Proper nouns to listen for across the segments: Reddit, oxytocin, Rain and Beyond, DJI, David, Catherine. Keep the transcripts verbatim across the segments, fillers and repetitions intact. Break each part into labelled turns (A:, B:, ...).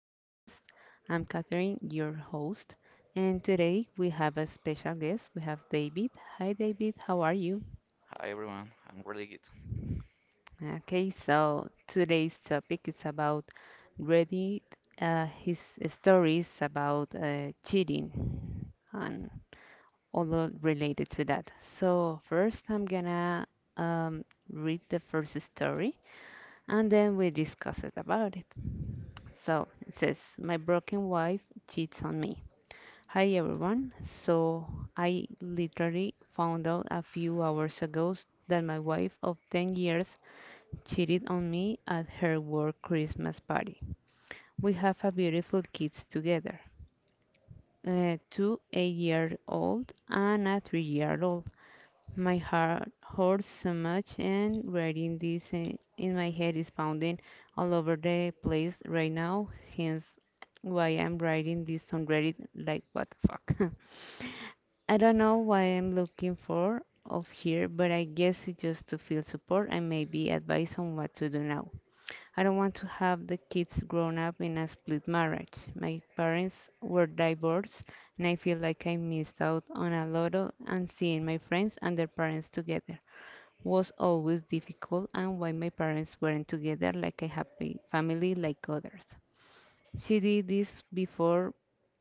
A: podcast. I'm Catherine, your host, and today we have a special guest. We have David. Hi, David, how are you?
B: Hi everyone, I'm really good.
A: Okay, so today's topic is about Reddit, uh, his stories about uh, cheating and all of related to that. So first, I'm gonna um, read the first story and then we discuss it about it. So it says, my broken wife cheats on me. Hi everyone. So I literally found out a few hours ago that my wife of ten years cheated on me at her work Christmas party. We have a beautiful kids together. Uh, two eight year old and a three year old. My heart hurts so much, and writing this in, in my head is pounding all over the place right now, hence why I'm writing this on Reddit, like what the fuck. I don't know what I'm looking for of here, but I guess it's just to feel support and maybe advice on what to do now. I don't want to have the kids grown up in a split marriage. My parents were divorced, and I feel like I missed out on a lot of and seeing my friends and their parents together was always difficult, and why my parents weren't together like a happy family like others. She did this before,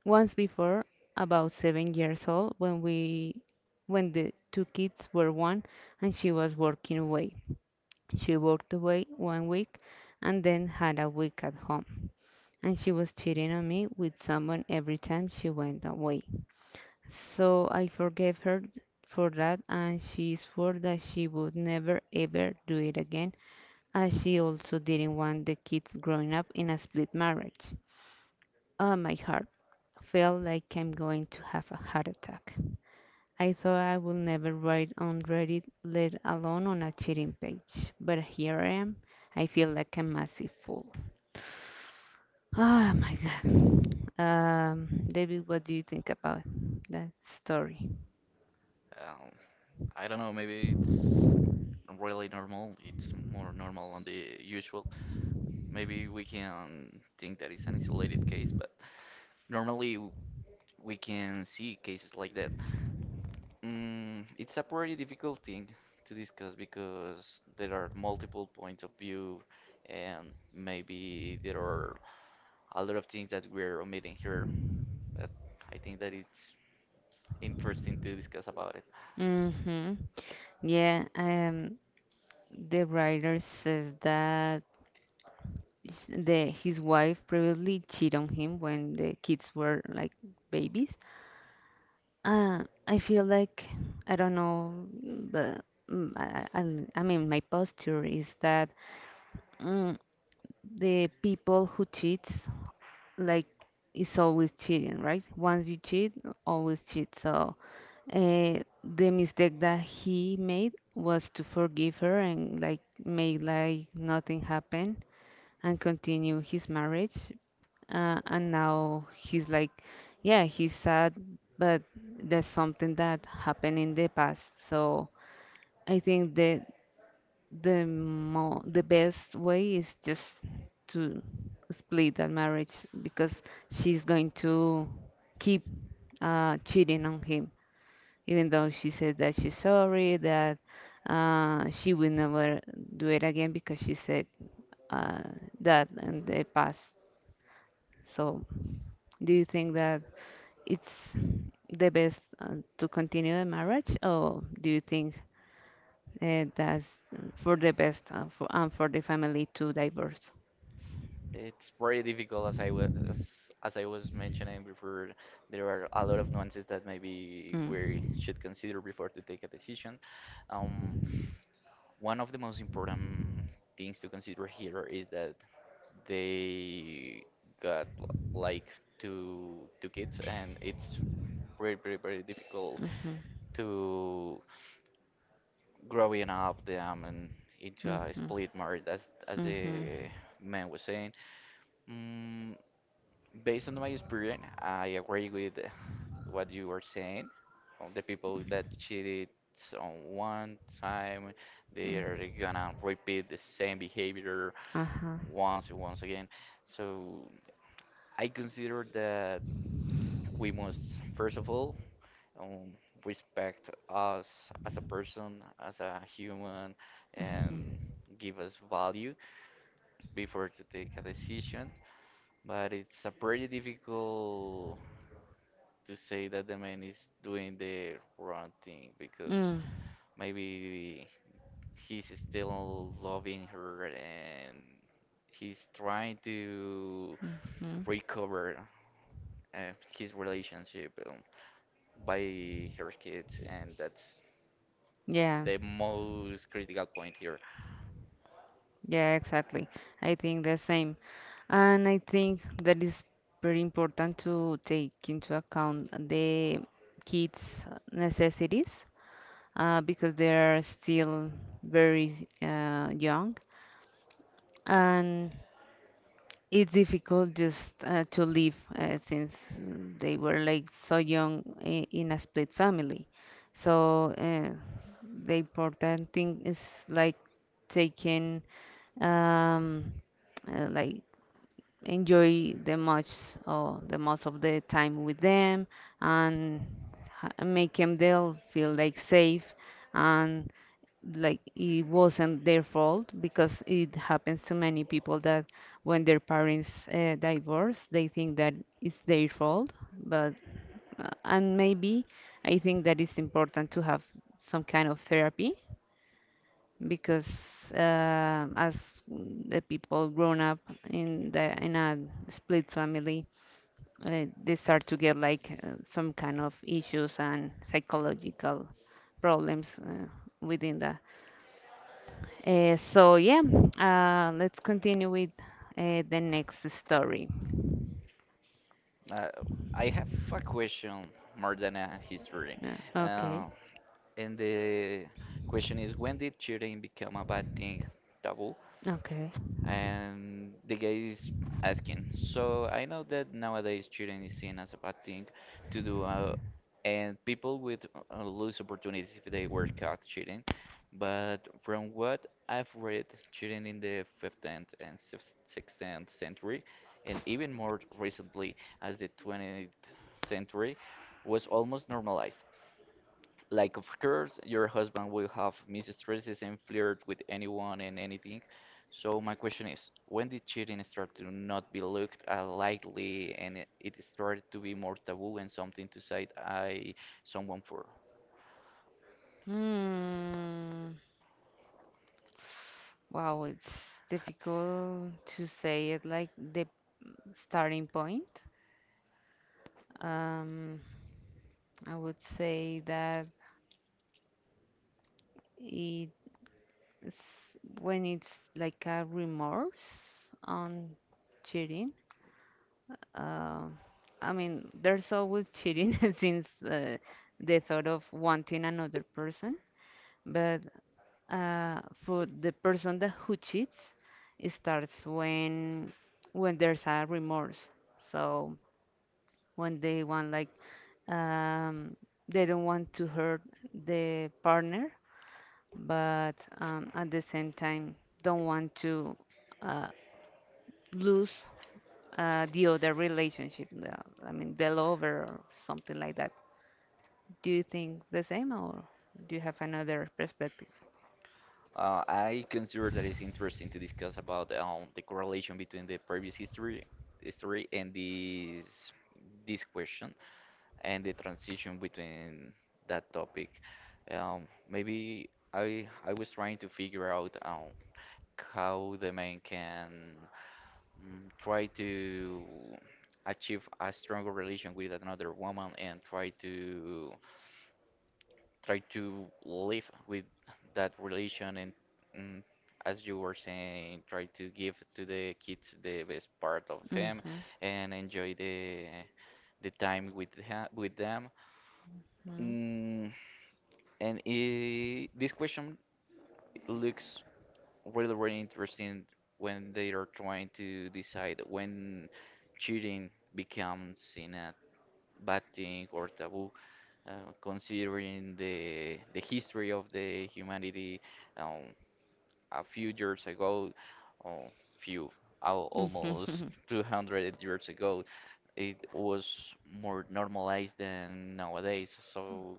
A: once before, about seven years old when we when the two kids were one and she was working away. She worked away one week and then had a week at home. And she was cheating on me with someone every time she went away. So I forgave her for that, and she swore that she would never ever do it again, as she also didn't want the kids growing up in a split marriage. Oh, my heart felt like I'm going to have a heart attack. I thought I would never write on Reddit, let alone on a cheating page. But here I am. I feel like a massive fool. Oh my God. Um, David, what do you think about that story?
B: Um, I don't know, maybe it's really normal. It's more normal than the usual. Maybe we can think that it's an isolated case, but normally w- we can see cases like that. Mm, it's a pretty difficult thing to discuss because there are multiple points of view, and maybe there are a lot of things that we're omitting here. But I think that it's interesting to discuss about it.
A: Mm-hmm. Yeah, um, the writer says that s- the his wife previously cheated on him when the kids were like babies. Uh, I feel like I don't know, but mm, I, I, I I mean my posture is that mm, the people who cheats like is always cheating, right? Once you cheat, always cheat. So uh, the mistake that he made was to forgive her and like make like nothing happened and continue his marriage, uh, and now he's like, yeah, he's sad, but there's something that happened in the past. So I think the the mo- the best way is just to split that marriage, because she's going to keep uh, cheating on him even though she says that she's sorry, that uh, she will never do it again, because she said uh, that in the past. So do you think that it's the best uh, to continue the marriage, or do you think uh, that's for the best uh, for, and for the family to divorce?
B: It's very difficult, as I was as, as I was mentioning before. There are a lot of nuances that maybe
A: Mm.
B: we should consider before to take a decision. Um, One of the most important things to consider here is that they got l- like two two kids, and it's very, very, very difficult to growing up them and into
A: Mhm.
B: a
A: Mhm.
B: split marriage, as as
A: Mhm.
B: the man was saying. Mm, Based on my experience, I agree with what you were saying. All The people that cheated on one time, they
A: Mhm.
B: are gonna repeat the same behavior
A: Uh huh.
B: once and once again. So I consider that we must, first of all, um, respect us as a person, as a human,
A: Mm-hmm.
B: and give us value before to take a decision. But it's a pretty difficult to say that the man is doing the wrong thing, because maybe he's still loving her and he's trying to
A: Hmm. Mm. Hmm.
B: recover uh, his relationship um, by her kids, and that's
A: Yeah.
B: the most critical point here.
A: Yeah, exactly. I think the same. And I think that is very important to take into account the kids' necessities, uh, because they are still very uh, young. And it's difficult just uh, to live uh, since mm, they were like so young i- in a split family. So uh, the important thing is like taking um, uh, like enjoy the much or the most of the time with them, and ha- make them they'll feel like safe, like it wasn't their fault, because it happens to many people that when their parents uh, divorce they think that it's their fault. But uh, and maybe I think that it's important to have some kind of therapy, because um as the people grown up in the in a split family, uh, they start to get like uh, some kind of issues and psychological problems uh, within the. Uh, so yeah, uh, let's continue with uh, the next story.
B: Uh, I have a question more than a history.
A: Uh,
B: Uh,
A: okay,
B: and the question is, when did cheating become a bad thing? Taboo?
A: okay.
B: And the guy is asking, so I know that nowadays cheating is seen as a bad thing to do, uh, and people would uh, lose opportunities if they were caught cheating. But from what I've read, cheating in the fifteenth and sixteenth century, and even more recently, as the twentieth century, was almost normalized. Like, of course, your husband will have mistresses and flirt with anyone and anything. So my question is, when did cheating start to not be looked at lightly, and it it started to be more taboo and something to say I someone for?
A: Hmm. Wow, it's difficult to say it like the starting point. Um, I would say that it's when it's like a remorse on cheating. Uh, I mean, there's always cheating since uh, the thought of wanting another person. But uh, for the person that who cheats, it starts when when there's a remorse. So when they want like um, they don't want to hurt the partner, but um, at the same time don't want to uh, lose uh, the other relationship, the, I mean, the lover or something like that. Do you think the same, or do you have another perspective?
B: Uh, I consider that it's interesting to discuss about um, the correlation between the previous history history and this this question, and the transition between that topic. Um, maybe I I was trying to figure out um, how the man can mm, try to achieve a stronger relation with another woman, and try to try to live with that relation and, mm, as you were saying, try to give to the kids the best part of him,
A: Mm-hmm.
B: and enjoy the the time with ha with them.
A: Mm-hmm.
B: Mm, And I this question looks really, really interesting when they are trying to decide when cheating becomes in a bad thing or taboo, uh, considering the the history of the humanity, um, a few years ago, uh, few al almost two hundred years ago, it was more normalized than nowadays. So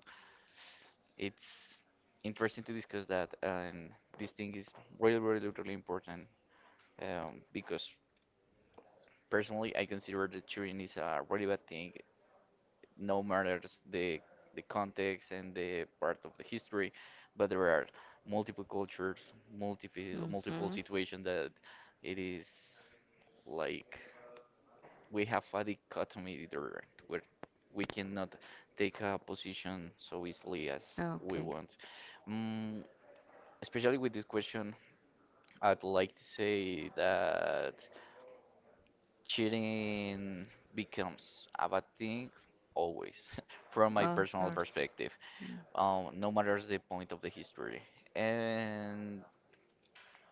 B: it's interesting to discuss that, and this thing is really, really, really important, um, because personally, I consider that cheating is a really bad thing, no matters the the context and the part of the history, but there are multiple cultures, multiple multiple
A: Mhm.
B: situations that it is like we have a dichotomy there where we cannot take a position so easily as we
A: Okay.
B: want. Mm, especially with this question, I'd like to say that cheating becomes a bad thing always, from my
A: Oh, of
B: personal
A: course.
B: perspective, um, no matter the point of the history. And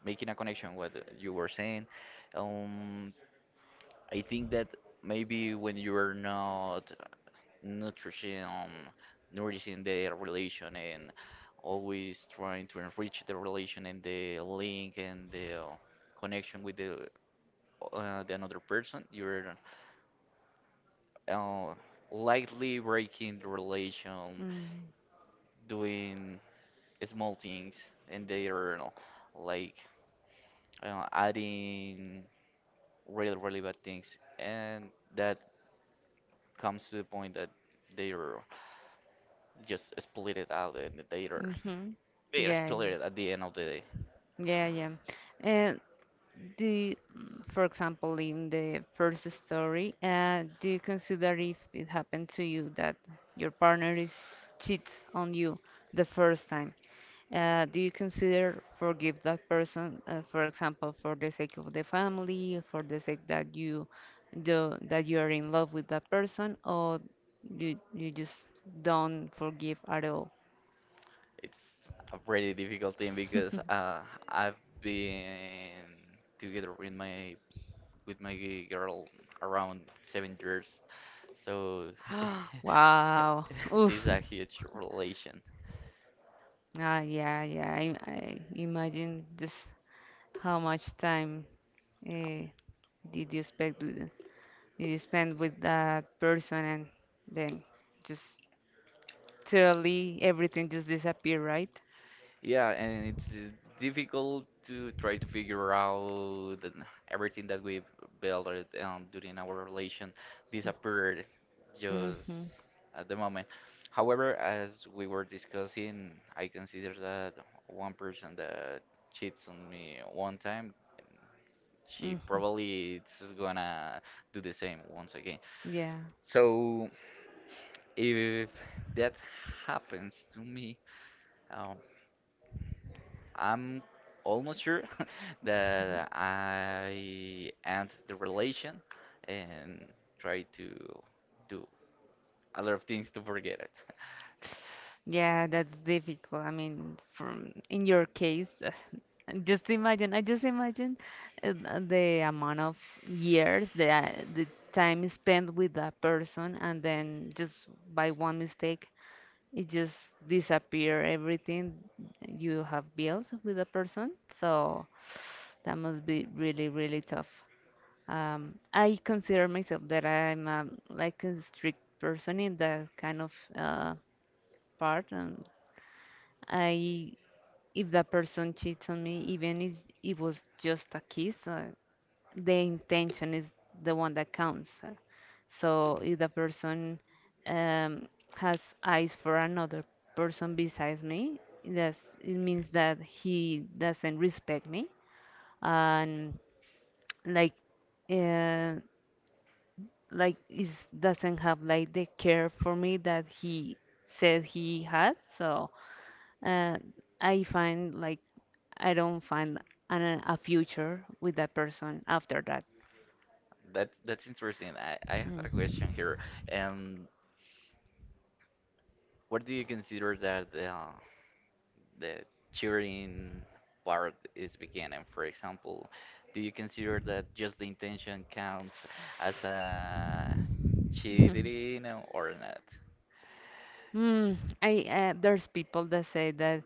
B: making a connection with what you were saying, um, I think that maybe when you are not nourishing, nourishing the relation, and always trying to enrich the relation and the link and the, uh, connection with the uh, the another person. You're uh, lightly breaking the relation,
A: Mm-hmm.
B: doing small things, and they are like uh, adding really, really bad things. And that comes to the point that they are just split it out, and they are
A: Mm-hmm.
B: they are
A: Yeah, yeah.
B: split at the end of the day.
A: Yeah, yeah. And the, mm, for example, in the first story, uh, do you consider if it happened to you that your partner is cheats on you the first time? Uh, do you consider forgive that person, uh, for example, for the sake of the family, for the sake that you do, that you are in love with that person, or you you just don't forgive at all?
B: It's a pretty difficult thing because, uh, I've been together with my with my g- girl around seven years, so
A: Wow.
B: it's
A: Oof.
B: a huge relation.
A: Ah, yeah, yeah. I, I imagine just how much time uh, did you spend with, did you spend with that person, and then just totally everything just disappear, right?
B: Yeah, and it's uh, difficult to try to figure out that everything that we built, or, um, during our relation, disappeared
A: Mm-hmm.
B: just at the moment. However, as we were discussing, I consider that one person that cheats on me one time, she
A: Mm-hmm.
B: probably is gonna do the same once again.
A: Yeah.
B: So if that happens to me, um, I'm almost sure that I end the relation and try to do a lot of things to forget it.
A: Yeah, that's difficult. I mean, from in your case, just imagine, I just imagine uh, the amount of years, the uh, the time spent with that person, and then just by one mistake, it just disappear everything you have built with a person. So that must be really, really tough. Um, I consider myself that I'm um, like a strict person in that kind of uh, part. And I, if that person cheats on me, even if it was just a kiss, uh, the intention is the one that counts. Uh, so if the person um, has eyes for another person besides me, that's, it means that he doesn't respect me, and like uh, like is doesn't have like the care for me that he said he had. So uh, I find like I don't find an, a future with that person after that.
B: That's that's interesting. I, I have a
A: Mm.
B: question here. Um, what do you consider that, uh, the cheering part is beginning? For example, do you consider that just the intention counts as a cheating or not?
A: Mm, I uh, there's people that say that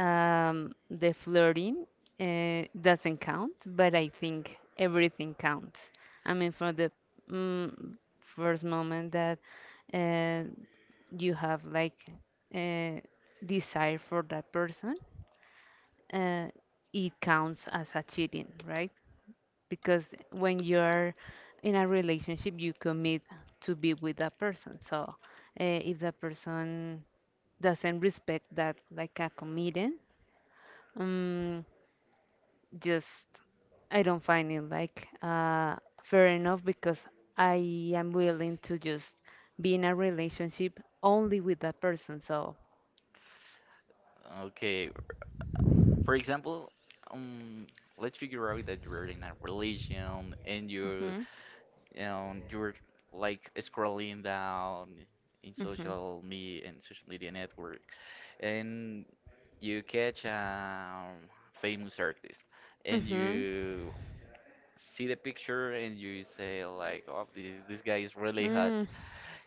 A: um, the flirting uh, doesn't count, but I think everything counts. I mean, from the mm, first moment that uh, you have like uh, desire for that person, uh, it counts as a cheating, right? Because when you're in a relationship you commit to be with that person, so uh, if that person doesn't respect that like a commitment, um, just I don't find it like uh, fair enough, because I am willing to just be in a relationship only with that person, so.
B: Okay, for example, um, let's figure out that you're in a relation and you,
A: Hmm.
B: you know, you're like scrolling down in
A: Hmm.
B: social media and social media network, and you catch a famous artist, and
A: Hmm.
B: you see the picture and you say like, "Oh, this this guy is really hot."
A: Mm,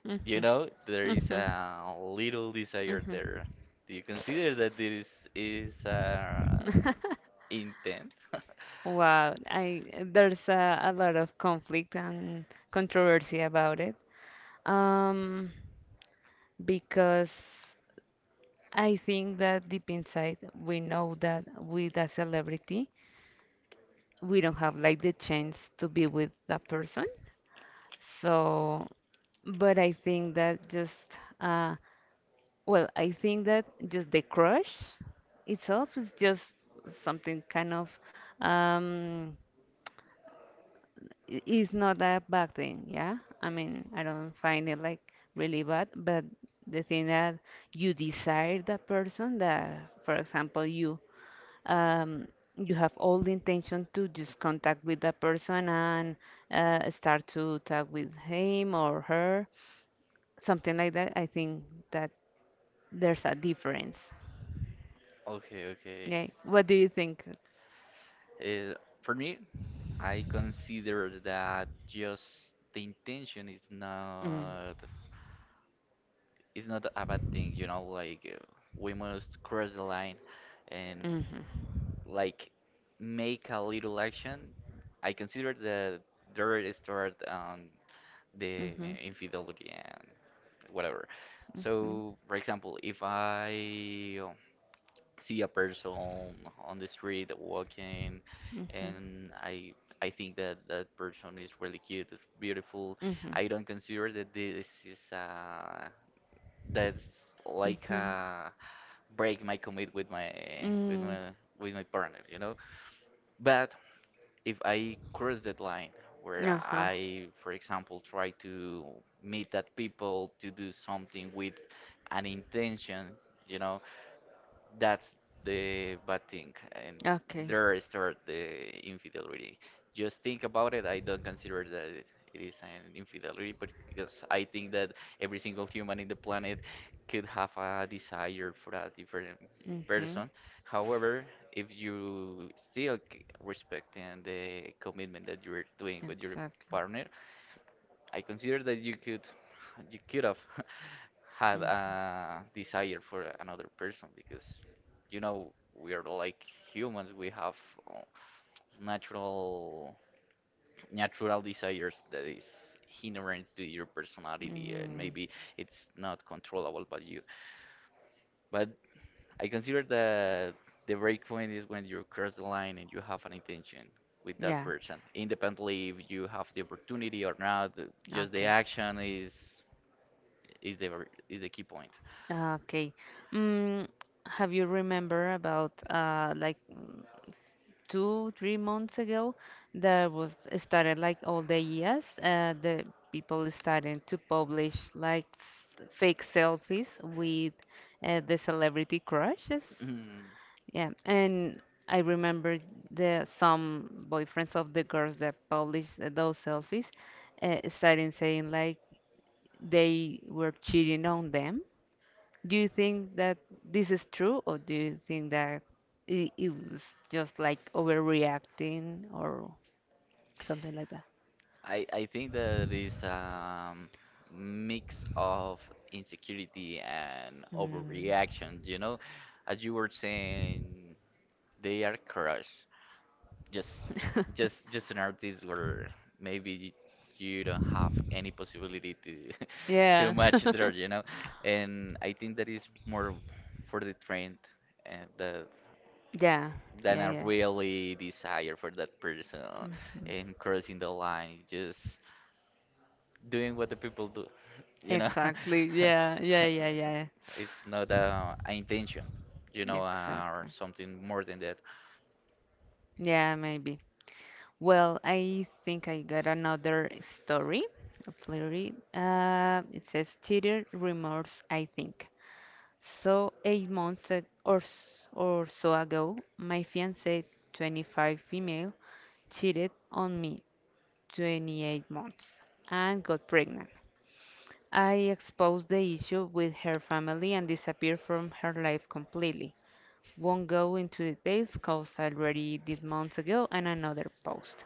A: mhm,
B: You know, there is
A: mhm,
B: a little desire there. Do you consider that this is, uh,
A: mhm.
B: intent?
A: Wow, I there's a, a lot of conflict and controversy about it. Um, because I think that deep inside we know that with a celebrity we don't have like the chance to be with that person. So, but I think that just uh, well, I think that just the crush itself is just something kind of um i- is not a bad thing, yeah? I mean, I don't find it like really bad, but the thing that you desire that person, that for example you um you have all the intention to just contact with that person and uh, start to talk with him or her, something like that. I think that there's a difference.
B: Okay, okay.
A: Yeah. What do you think?
B: Uh, for me, I consider that just the intention is
A: Mm.
B: not is not a bad thing, you know, like, uh, we must cross the line and
A: Mhm.
B: like make a little action. I consider the dirt start on
A: Mhm.
B: the
A: Mhm.
B: infidelity and whatever.
A: Mhm.
B: So, for example, if I see a person on the street walking,
A: Mhm.
B: and I I think that that person is really cute, is beautiful,
A: Mhm.
B: I don't consider that this is uh that's like uh break my commit with my with
A: Mm.
B: my with my partner, you know. But if I cross that line where
A: Uh-huh.
B: I, for example, try to meet that people to do something with an intention, you know, that's the bad thing. And
A: Okay.
B: there start the infidelity. Just think about it. I don't consider that it it is an infidelity, but because I think that every single human in the planet could have a desire for a different
A: Mhm.
B: person. However, if you still respecting the commitment that you're doing with your
A: Exactly.
B: partner, I consider that you could you could have had a desire for another person, because you know we are like humans. We have, uh, natural
A: Mhm.
B: natural desires that is inherent to your personality, and
A: Mm.
B: maybe it's not controllable by you. But I consider that the break point is when you cross the line and you have an intention with that
A: Yeah.
B: person, independently if you have the opportunity or not. Just the
A: Okay.
B: action is is the ver- is the key point.
A: Okay. Mm, have you remember about uh like mm, two, three months ago there was started like all the years uh the people starting to publish like s- fake selfies with uh, the celebrity crushes?
B: Mm,
A: Yeah, and I remember the some boyfriends of the girls that published th- those selfies uh, starting saying like they were cheating on them. Do you think that this is true, or do you think that it, it was just like overreacting or something like that?
B: I I think that is um mix of insecurity and
A: Mm. Yeah.
B: overreaction. You know, as you were saying, they are crushed. Just just just an artist where maybe you don't have any possibility to to match there. You know, and I think that is more for the trend and the,
A: Yeah.
B: than
A: Yeah, yeah,
B: I
A: yeah.
B: really desire for that person,
A: Mhm.
B: and crossing the line, just doing what the people do, you know.
A: Exactly. Yeah, yeah, yeah, yeah.
B: It's not uh, an intention, you know, uh, or
A: Exactly.
B: something more than that.
A: Yeah, maybe. Well, I think I got another story. Let's read. it. read. Uh, it says teeter remorse, I think. So eight months ag- or s- or so ago, my fiancée, twenty-five female, cheated on me twenty-eight months and got pregnant. I exposed the issue with her family and disappeared from her life completely. Won't go into details cause I already did months ago and another post.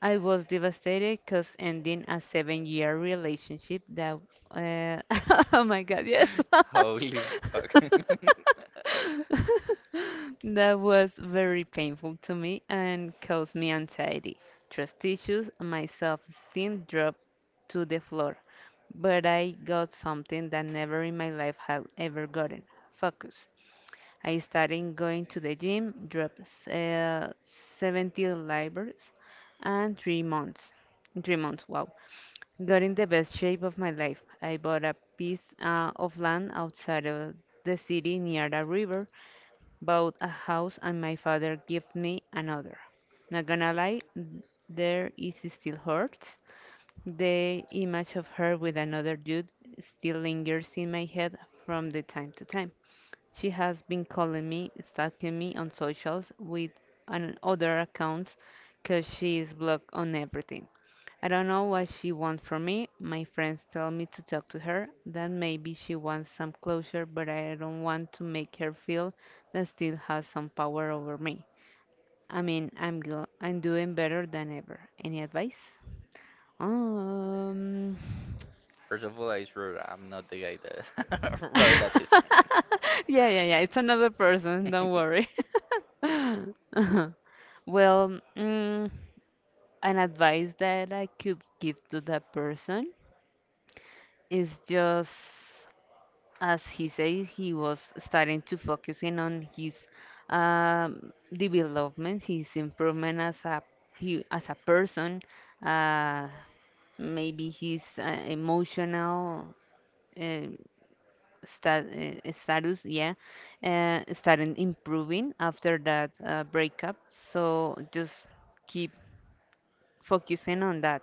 A: I was devastated cause ending a seven year relationship that uh, oh my god, yes.
B: Holy fuck.
A: that was very painful to me and caused me anxiety, trust issues, and my self-esteem dropped to the floor. But I got something that never in my life had ever gotten focus. I started going to the gym, dropped uh, seventy libras and three months. In three months, wow. Got in the best shape of my life. I bought a piece uh, of land outside of the city near the river, bought a house, and my father gave me another. Not gonna lie, there is still hurt, the image of her with another dude still lingers in my head from the time to time. She has been calling me, stalking me on socials with an other accounts because she is blocked on everything. I don't know what she wants from me. My friends tell me to talk to her, that maybe she wants some closure, but I don't want to make her feel that still has some power over me. I mean, I'm go- I'm doing better than ever. Any advice? Um,
B: First of all, I swear I'm not the guy that wrote that.
A: yeah, yeah, yeah. It's another person. Don't worry. Well, mm, an advice that I could give to that person is just as he said, he was starting to focus in on his um, development, his improvement as a he, as a person, uh, maybe his uh, emotional uh, sta uh, status, yeah, uh, started improving after that uh, breakup. So just keep focusing on that.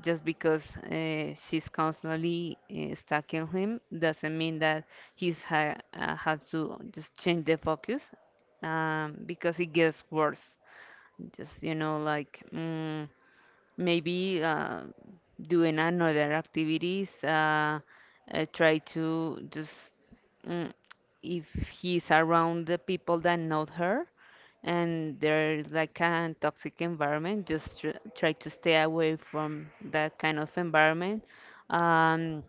A: Just because uh, she's constantly uh, stuck in him doesn't mean that he's ha uh, has to just change the focus um, because it gets worse. Just, you know, like. Mm, maybe uh, doing another activities uh, uh, try to just mm, if he's around the people that know her and there's like a toxic environment just tr try to stay away from that kind of environment um,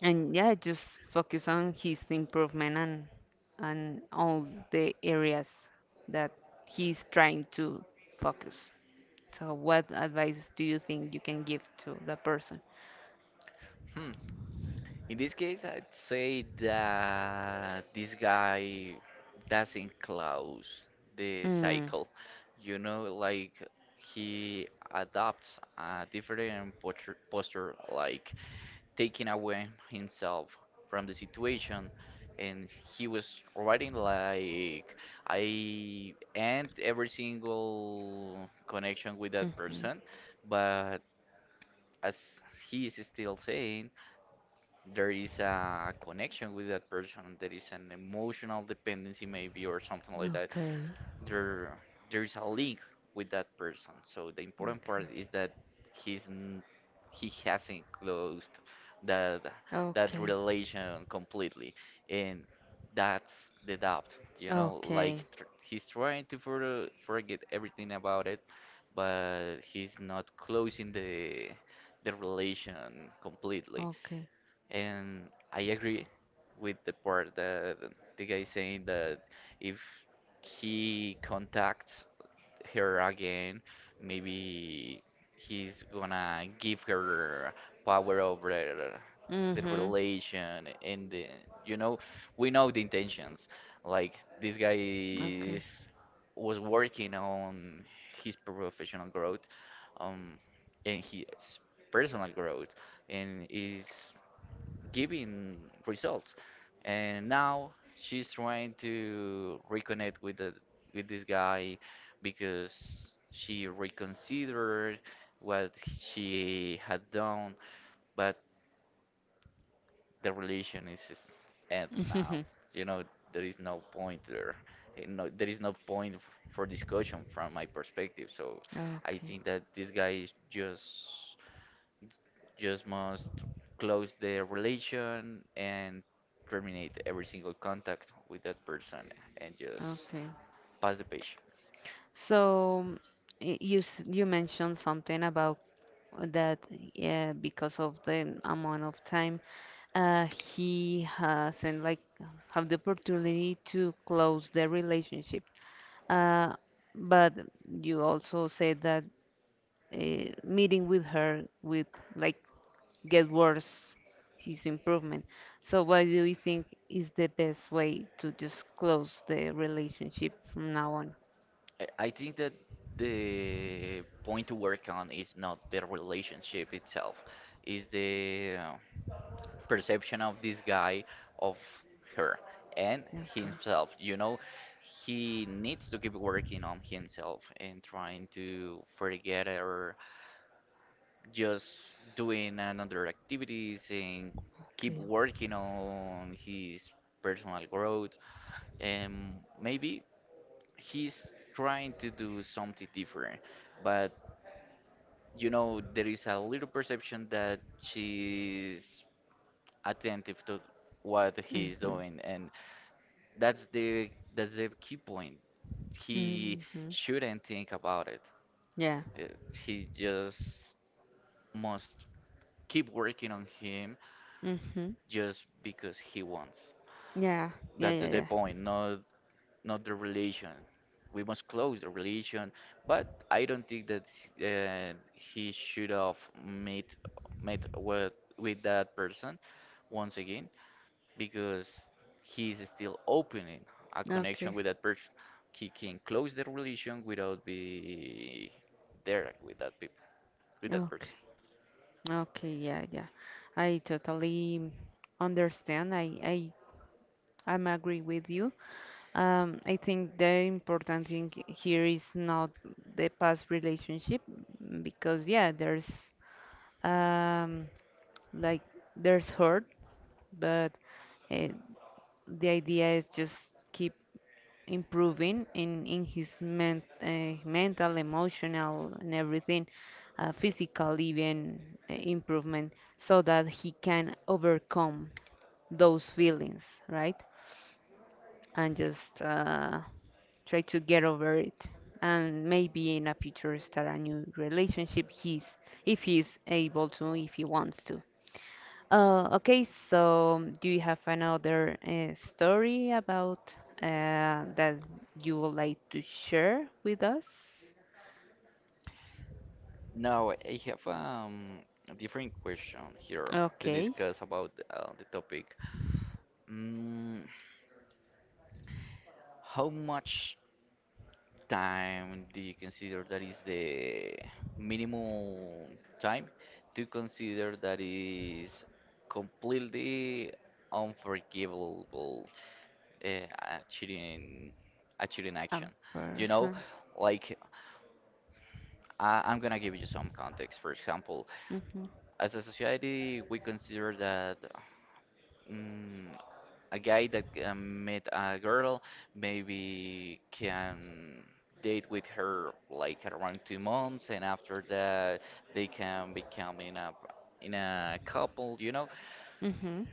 A: and yeah just focus on his improvement and and all the areas that he's trying to focus. So, what advice do you think you can give to that person?
B: Hmm. In this case, I'd say that this guy doesn't close the
A: Mm.
B: cycle. You know, like he adopts a different posture, posture, like taking away himself from the situation. And he was writing like, I end every single connection with that
A: Mhm.
B: person, but as he is still saying, there is a connection with that person. There is an emotional dependency, maybe, or something like that.
A: Okay.
B: There, there is a link with that person. So the important part is that he's n- he hasn't closed that
A: Okay.
B: that
A: Okay.
B: relation completely, and that's the doubt. You know,
A: Okay.
B: like tr he's trying to for forget everything about it, but he's not closing the the relation completely.
A: Okay.
B: And I agree with the part that the guy saying that if he contacts her again, maybe he's gonna give her power over the
A: Mhm.
B: relation and the, you know, we know the intentions. Like this guy
A: Okay.
B: is was working on his professional growth, um, and his personal growth, and is giving results. And now she's trying to reconnect with the with this guy, because she reconsidered what she had done, but the relation is is end now.
A: Mhm.
B: You know, there is no point there. eh, No, there is no point f- for discussion from my perspective. So I
A: Okay.
B: think that this guy is just just must close the relation and terminate every single contact with that person, and just
A: Okay.
B: pass the page.
A: So y- you s- you mentioned something about that, yeah, because of the amount of time uh, he hasn't like have the opportunity to close the relationship. Uh, but you also said that uh, meeting with her with like get worse his improvement. So what do you think is the best way to just close the relationship from now on?
B: I, I think that the point to work on is not the relationship itself, is the, uh, perception of this guy of her and
A: Okay.
B: himself. You know, he needs to keep working on himself and trying to forget her, just doing another activities, and keep
A: Okay.
B: working on his personal growth. And maybe he's trying to do something different, but you know there is a little perception that she's attentive to what he's
A: Mhm.
B: doing, and that's the that's the key point. He
A: Mhm.
B: shouldn't think about it.
A: Yeah.
B: Uh, he just must keep working on him
A: Mhm.
B: just because he wants.
A: Yeah. Yeah.
B: That's
A: Yeah.
B: the
A: Yeah.
B: point, not not the relation. We must close the relation, but I don't think that, uh, he should have met met with with that person once again, because he is still opening a connection
A: Okay.
B: with that person. He can close the relation without be there with that people with that person.
A: Okay. Okay. Yeah. Yeah. I totally understand. I. I. I'm agree with you. Um, I think the important thing here is not the past relationship, mm, because yeah, there's um like there's hurt, but uh, the idea is just keep improving in in his men, uh, mental, emotional, and everything, uh, physical even uh, improvement, so that he can overcome those feelings, right? And just uh, try to get over it. And maybe in a future start a new relationship. He's if he's able to, if he wants to. Uh, okay, so do you have another uh, story about uh, that you would like to share with us?
B: Now, I have, um, a different question here to
A: Okay,
B: discuss about, uh, the topic. Mm, how much time do you consider that is the minimum time to consider that is completely unforgivable, uh, a cheating, a cheating
A: a
B: action? You know,
A: person.
B: like I, I'm gonna give you some context. For example,
A: Mm-hmm.
B: as a society, we consider that. mm a guy that, um, met a girl, maybe can date with her like around two months, and after that they can become in a in a couple, you know.
A: Mm-hmm.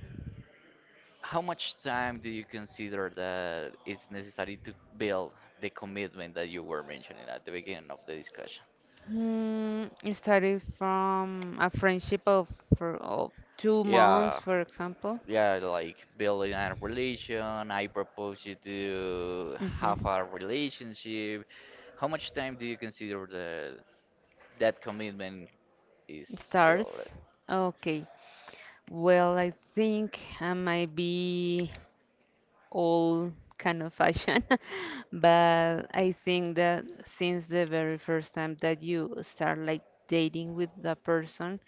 B: How much time do you consider that it's necessary to build the commitment that you were mentioning at the beginning of the discussion?
A: Hmm, it started from a friendship of for of two months,
B: Yeah,
A: for example.
B: yeah, like building a relation. I propose you to have
A: Mm-hmm.
B: a relationship. How much time do you consider the That commitment is,
A: It
B: well,
A: starts.
B: already?
A: Okay. Well, I think I might be all kind of fashion. But I think that since the very first time that you start like dating with the person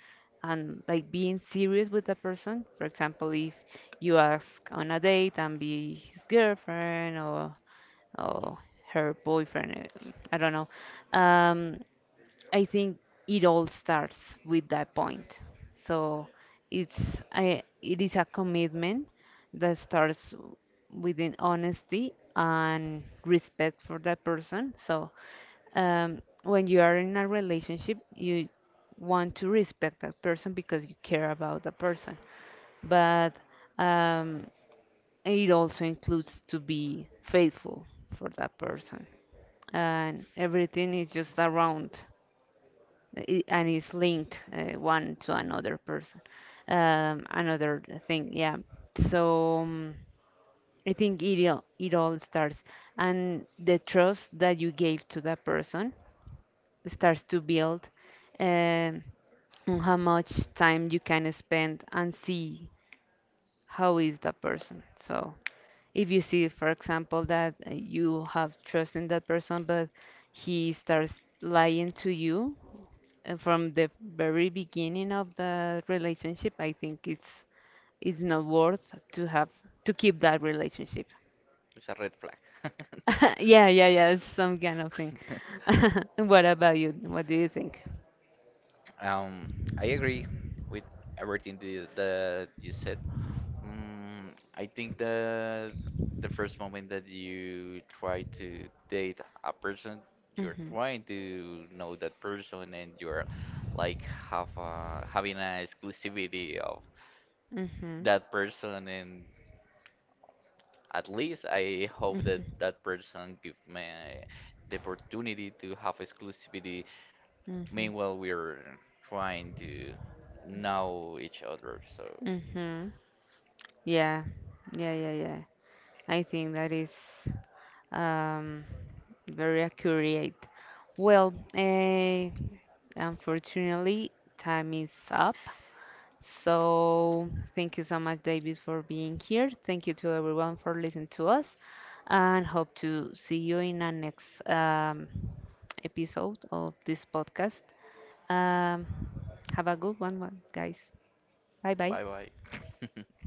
A: and like being serious with the person, for example, if you ask on a date and be his girlfriend or or her boyfriend, uh, I don't know. um I think it all starts with that point. So it's I it is a commitment that starts within honesty and respect for that person. So um, when you are in a relationship, you want to respect that person because you care about that person. But um, it also includes to be faithful for that person, and everything is just around i- and it's linked uh, one to another person, um, another thing, yeah. So um, I think it all, it all starts and the trust that you gave to that person starts to build um, on how much time you can spend and see how is that person. So if you see, for example, that uh, you have trust in that person, but he starts lying to you uh, from the very beginning of the relationship, I think it's it's not worth to have to keep that relationship.
B: It's a red flag.
A: Yeah, yeah, yeah, it's some kind of thing. What about you? What do you think?
B: Um, I agree with everything the, that you said. Mm, I think that the first moment that you try to date a person, you're
A: Hmm.
B: trying to know that person, and you're like have a, having an exclusivity of
A: Hmm.
B: that person. And At least I hope
A: Hmm.
B: that that person give me the opportunity to have exclusivity.
A: Mm-hmm.
B: Meanwhile, we're trying to know each other. So,
A: Mm-hmm. Yeah. Yeah, yeah, yeah. I think that is um, very accurate. Well, eh, unfortunately, time is up. So thank you so much, David, for being here. Thank you to everyone for listening to us, and hope to see you in our next um, episode of this podcast. Um, have a good one, one- guys. Bye bye.
B: bye bye.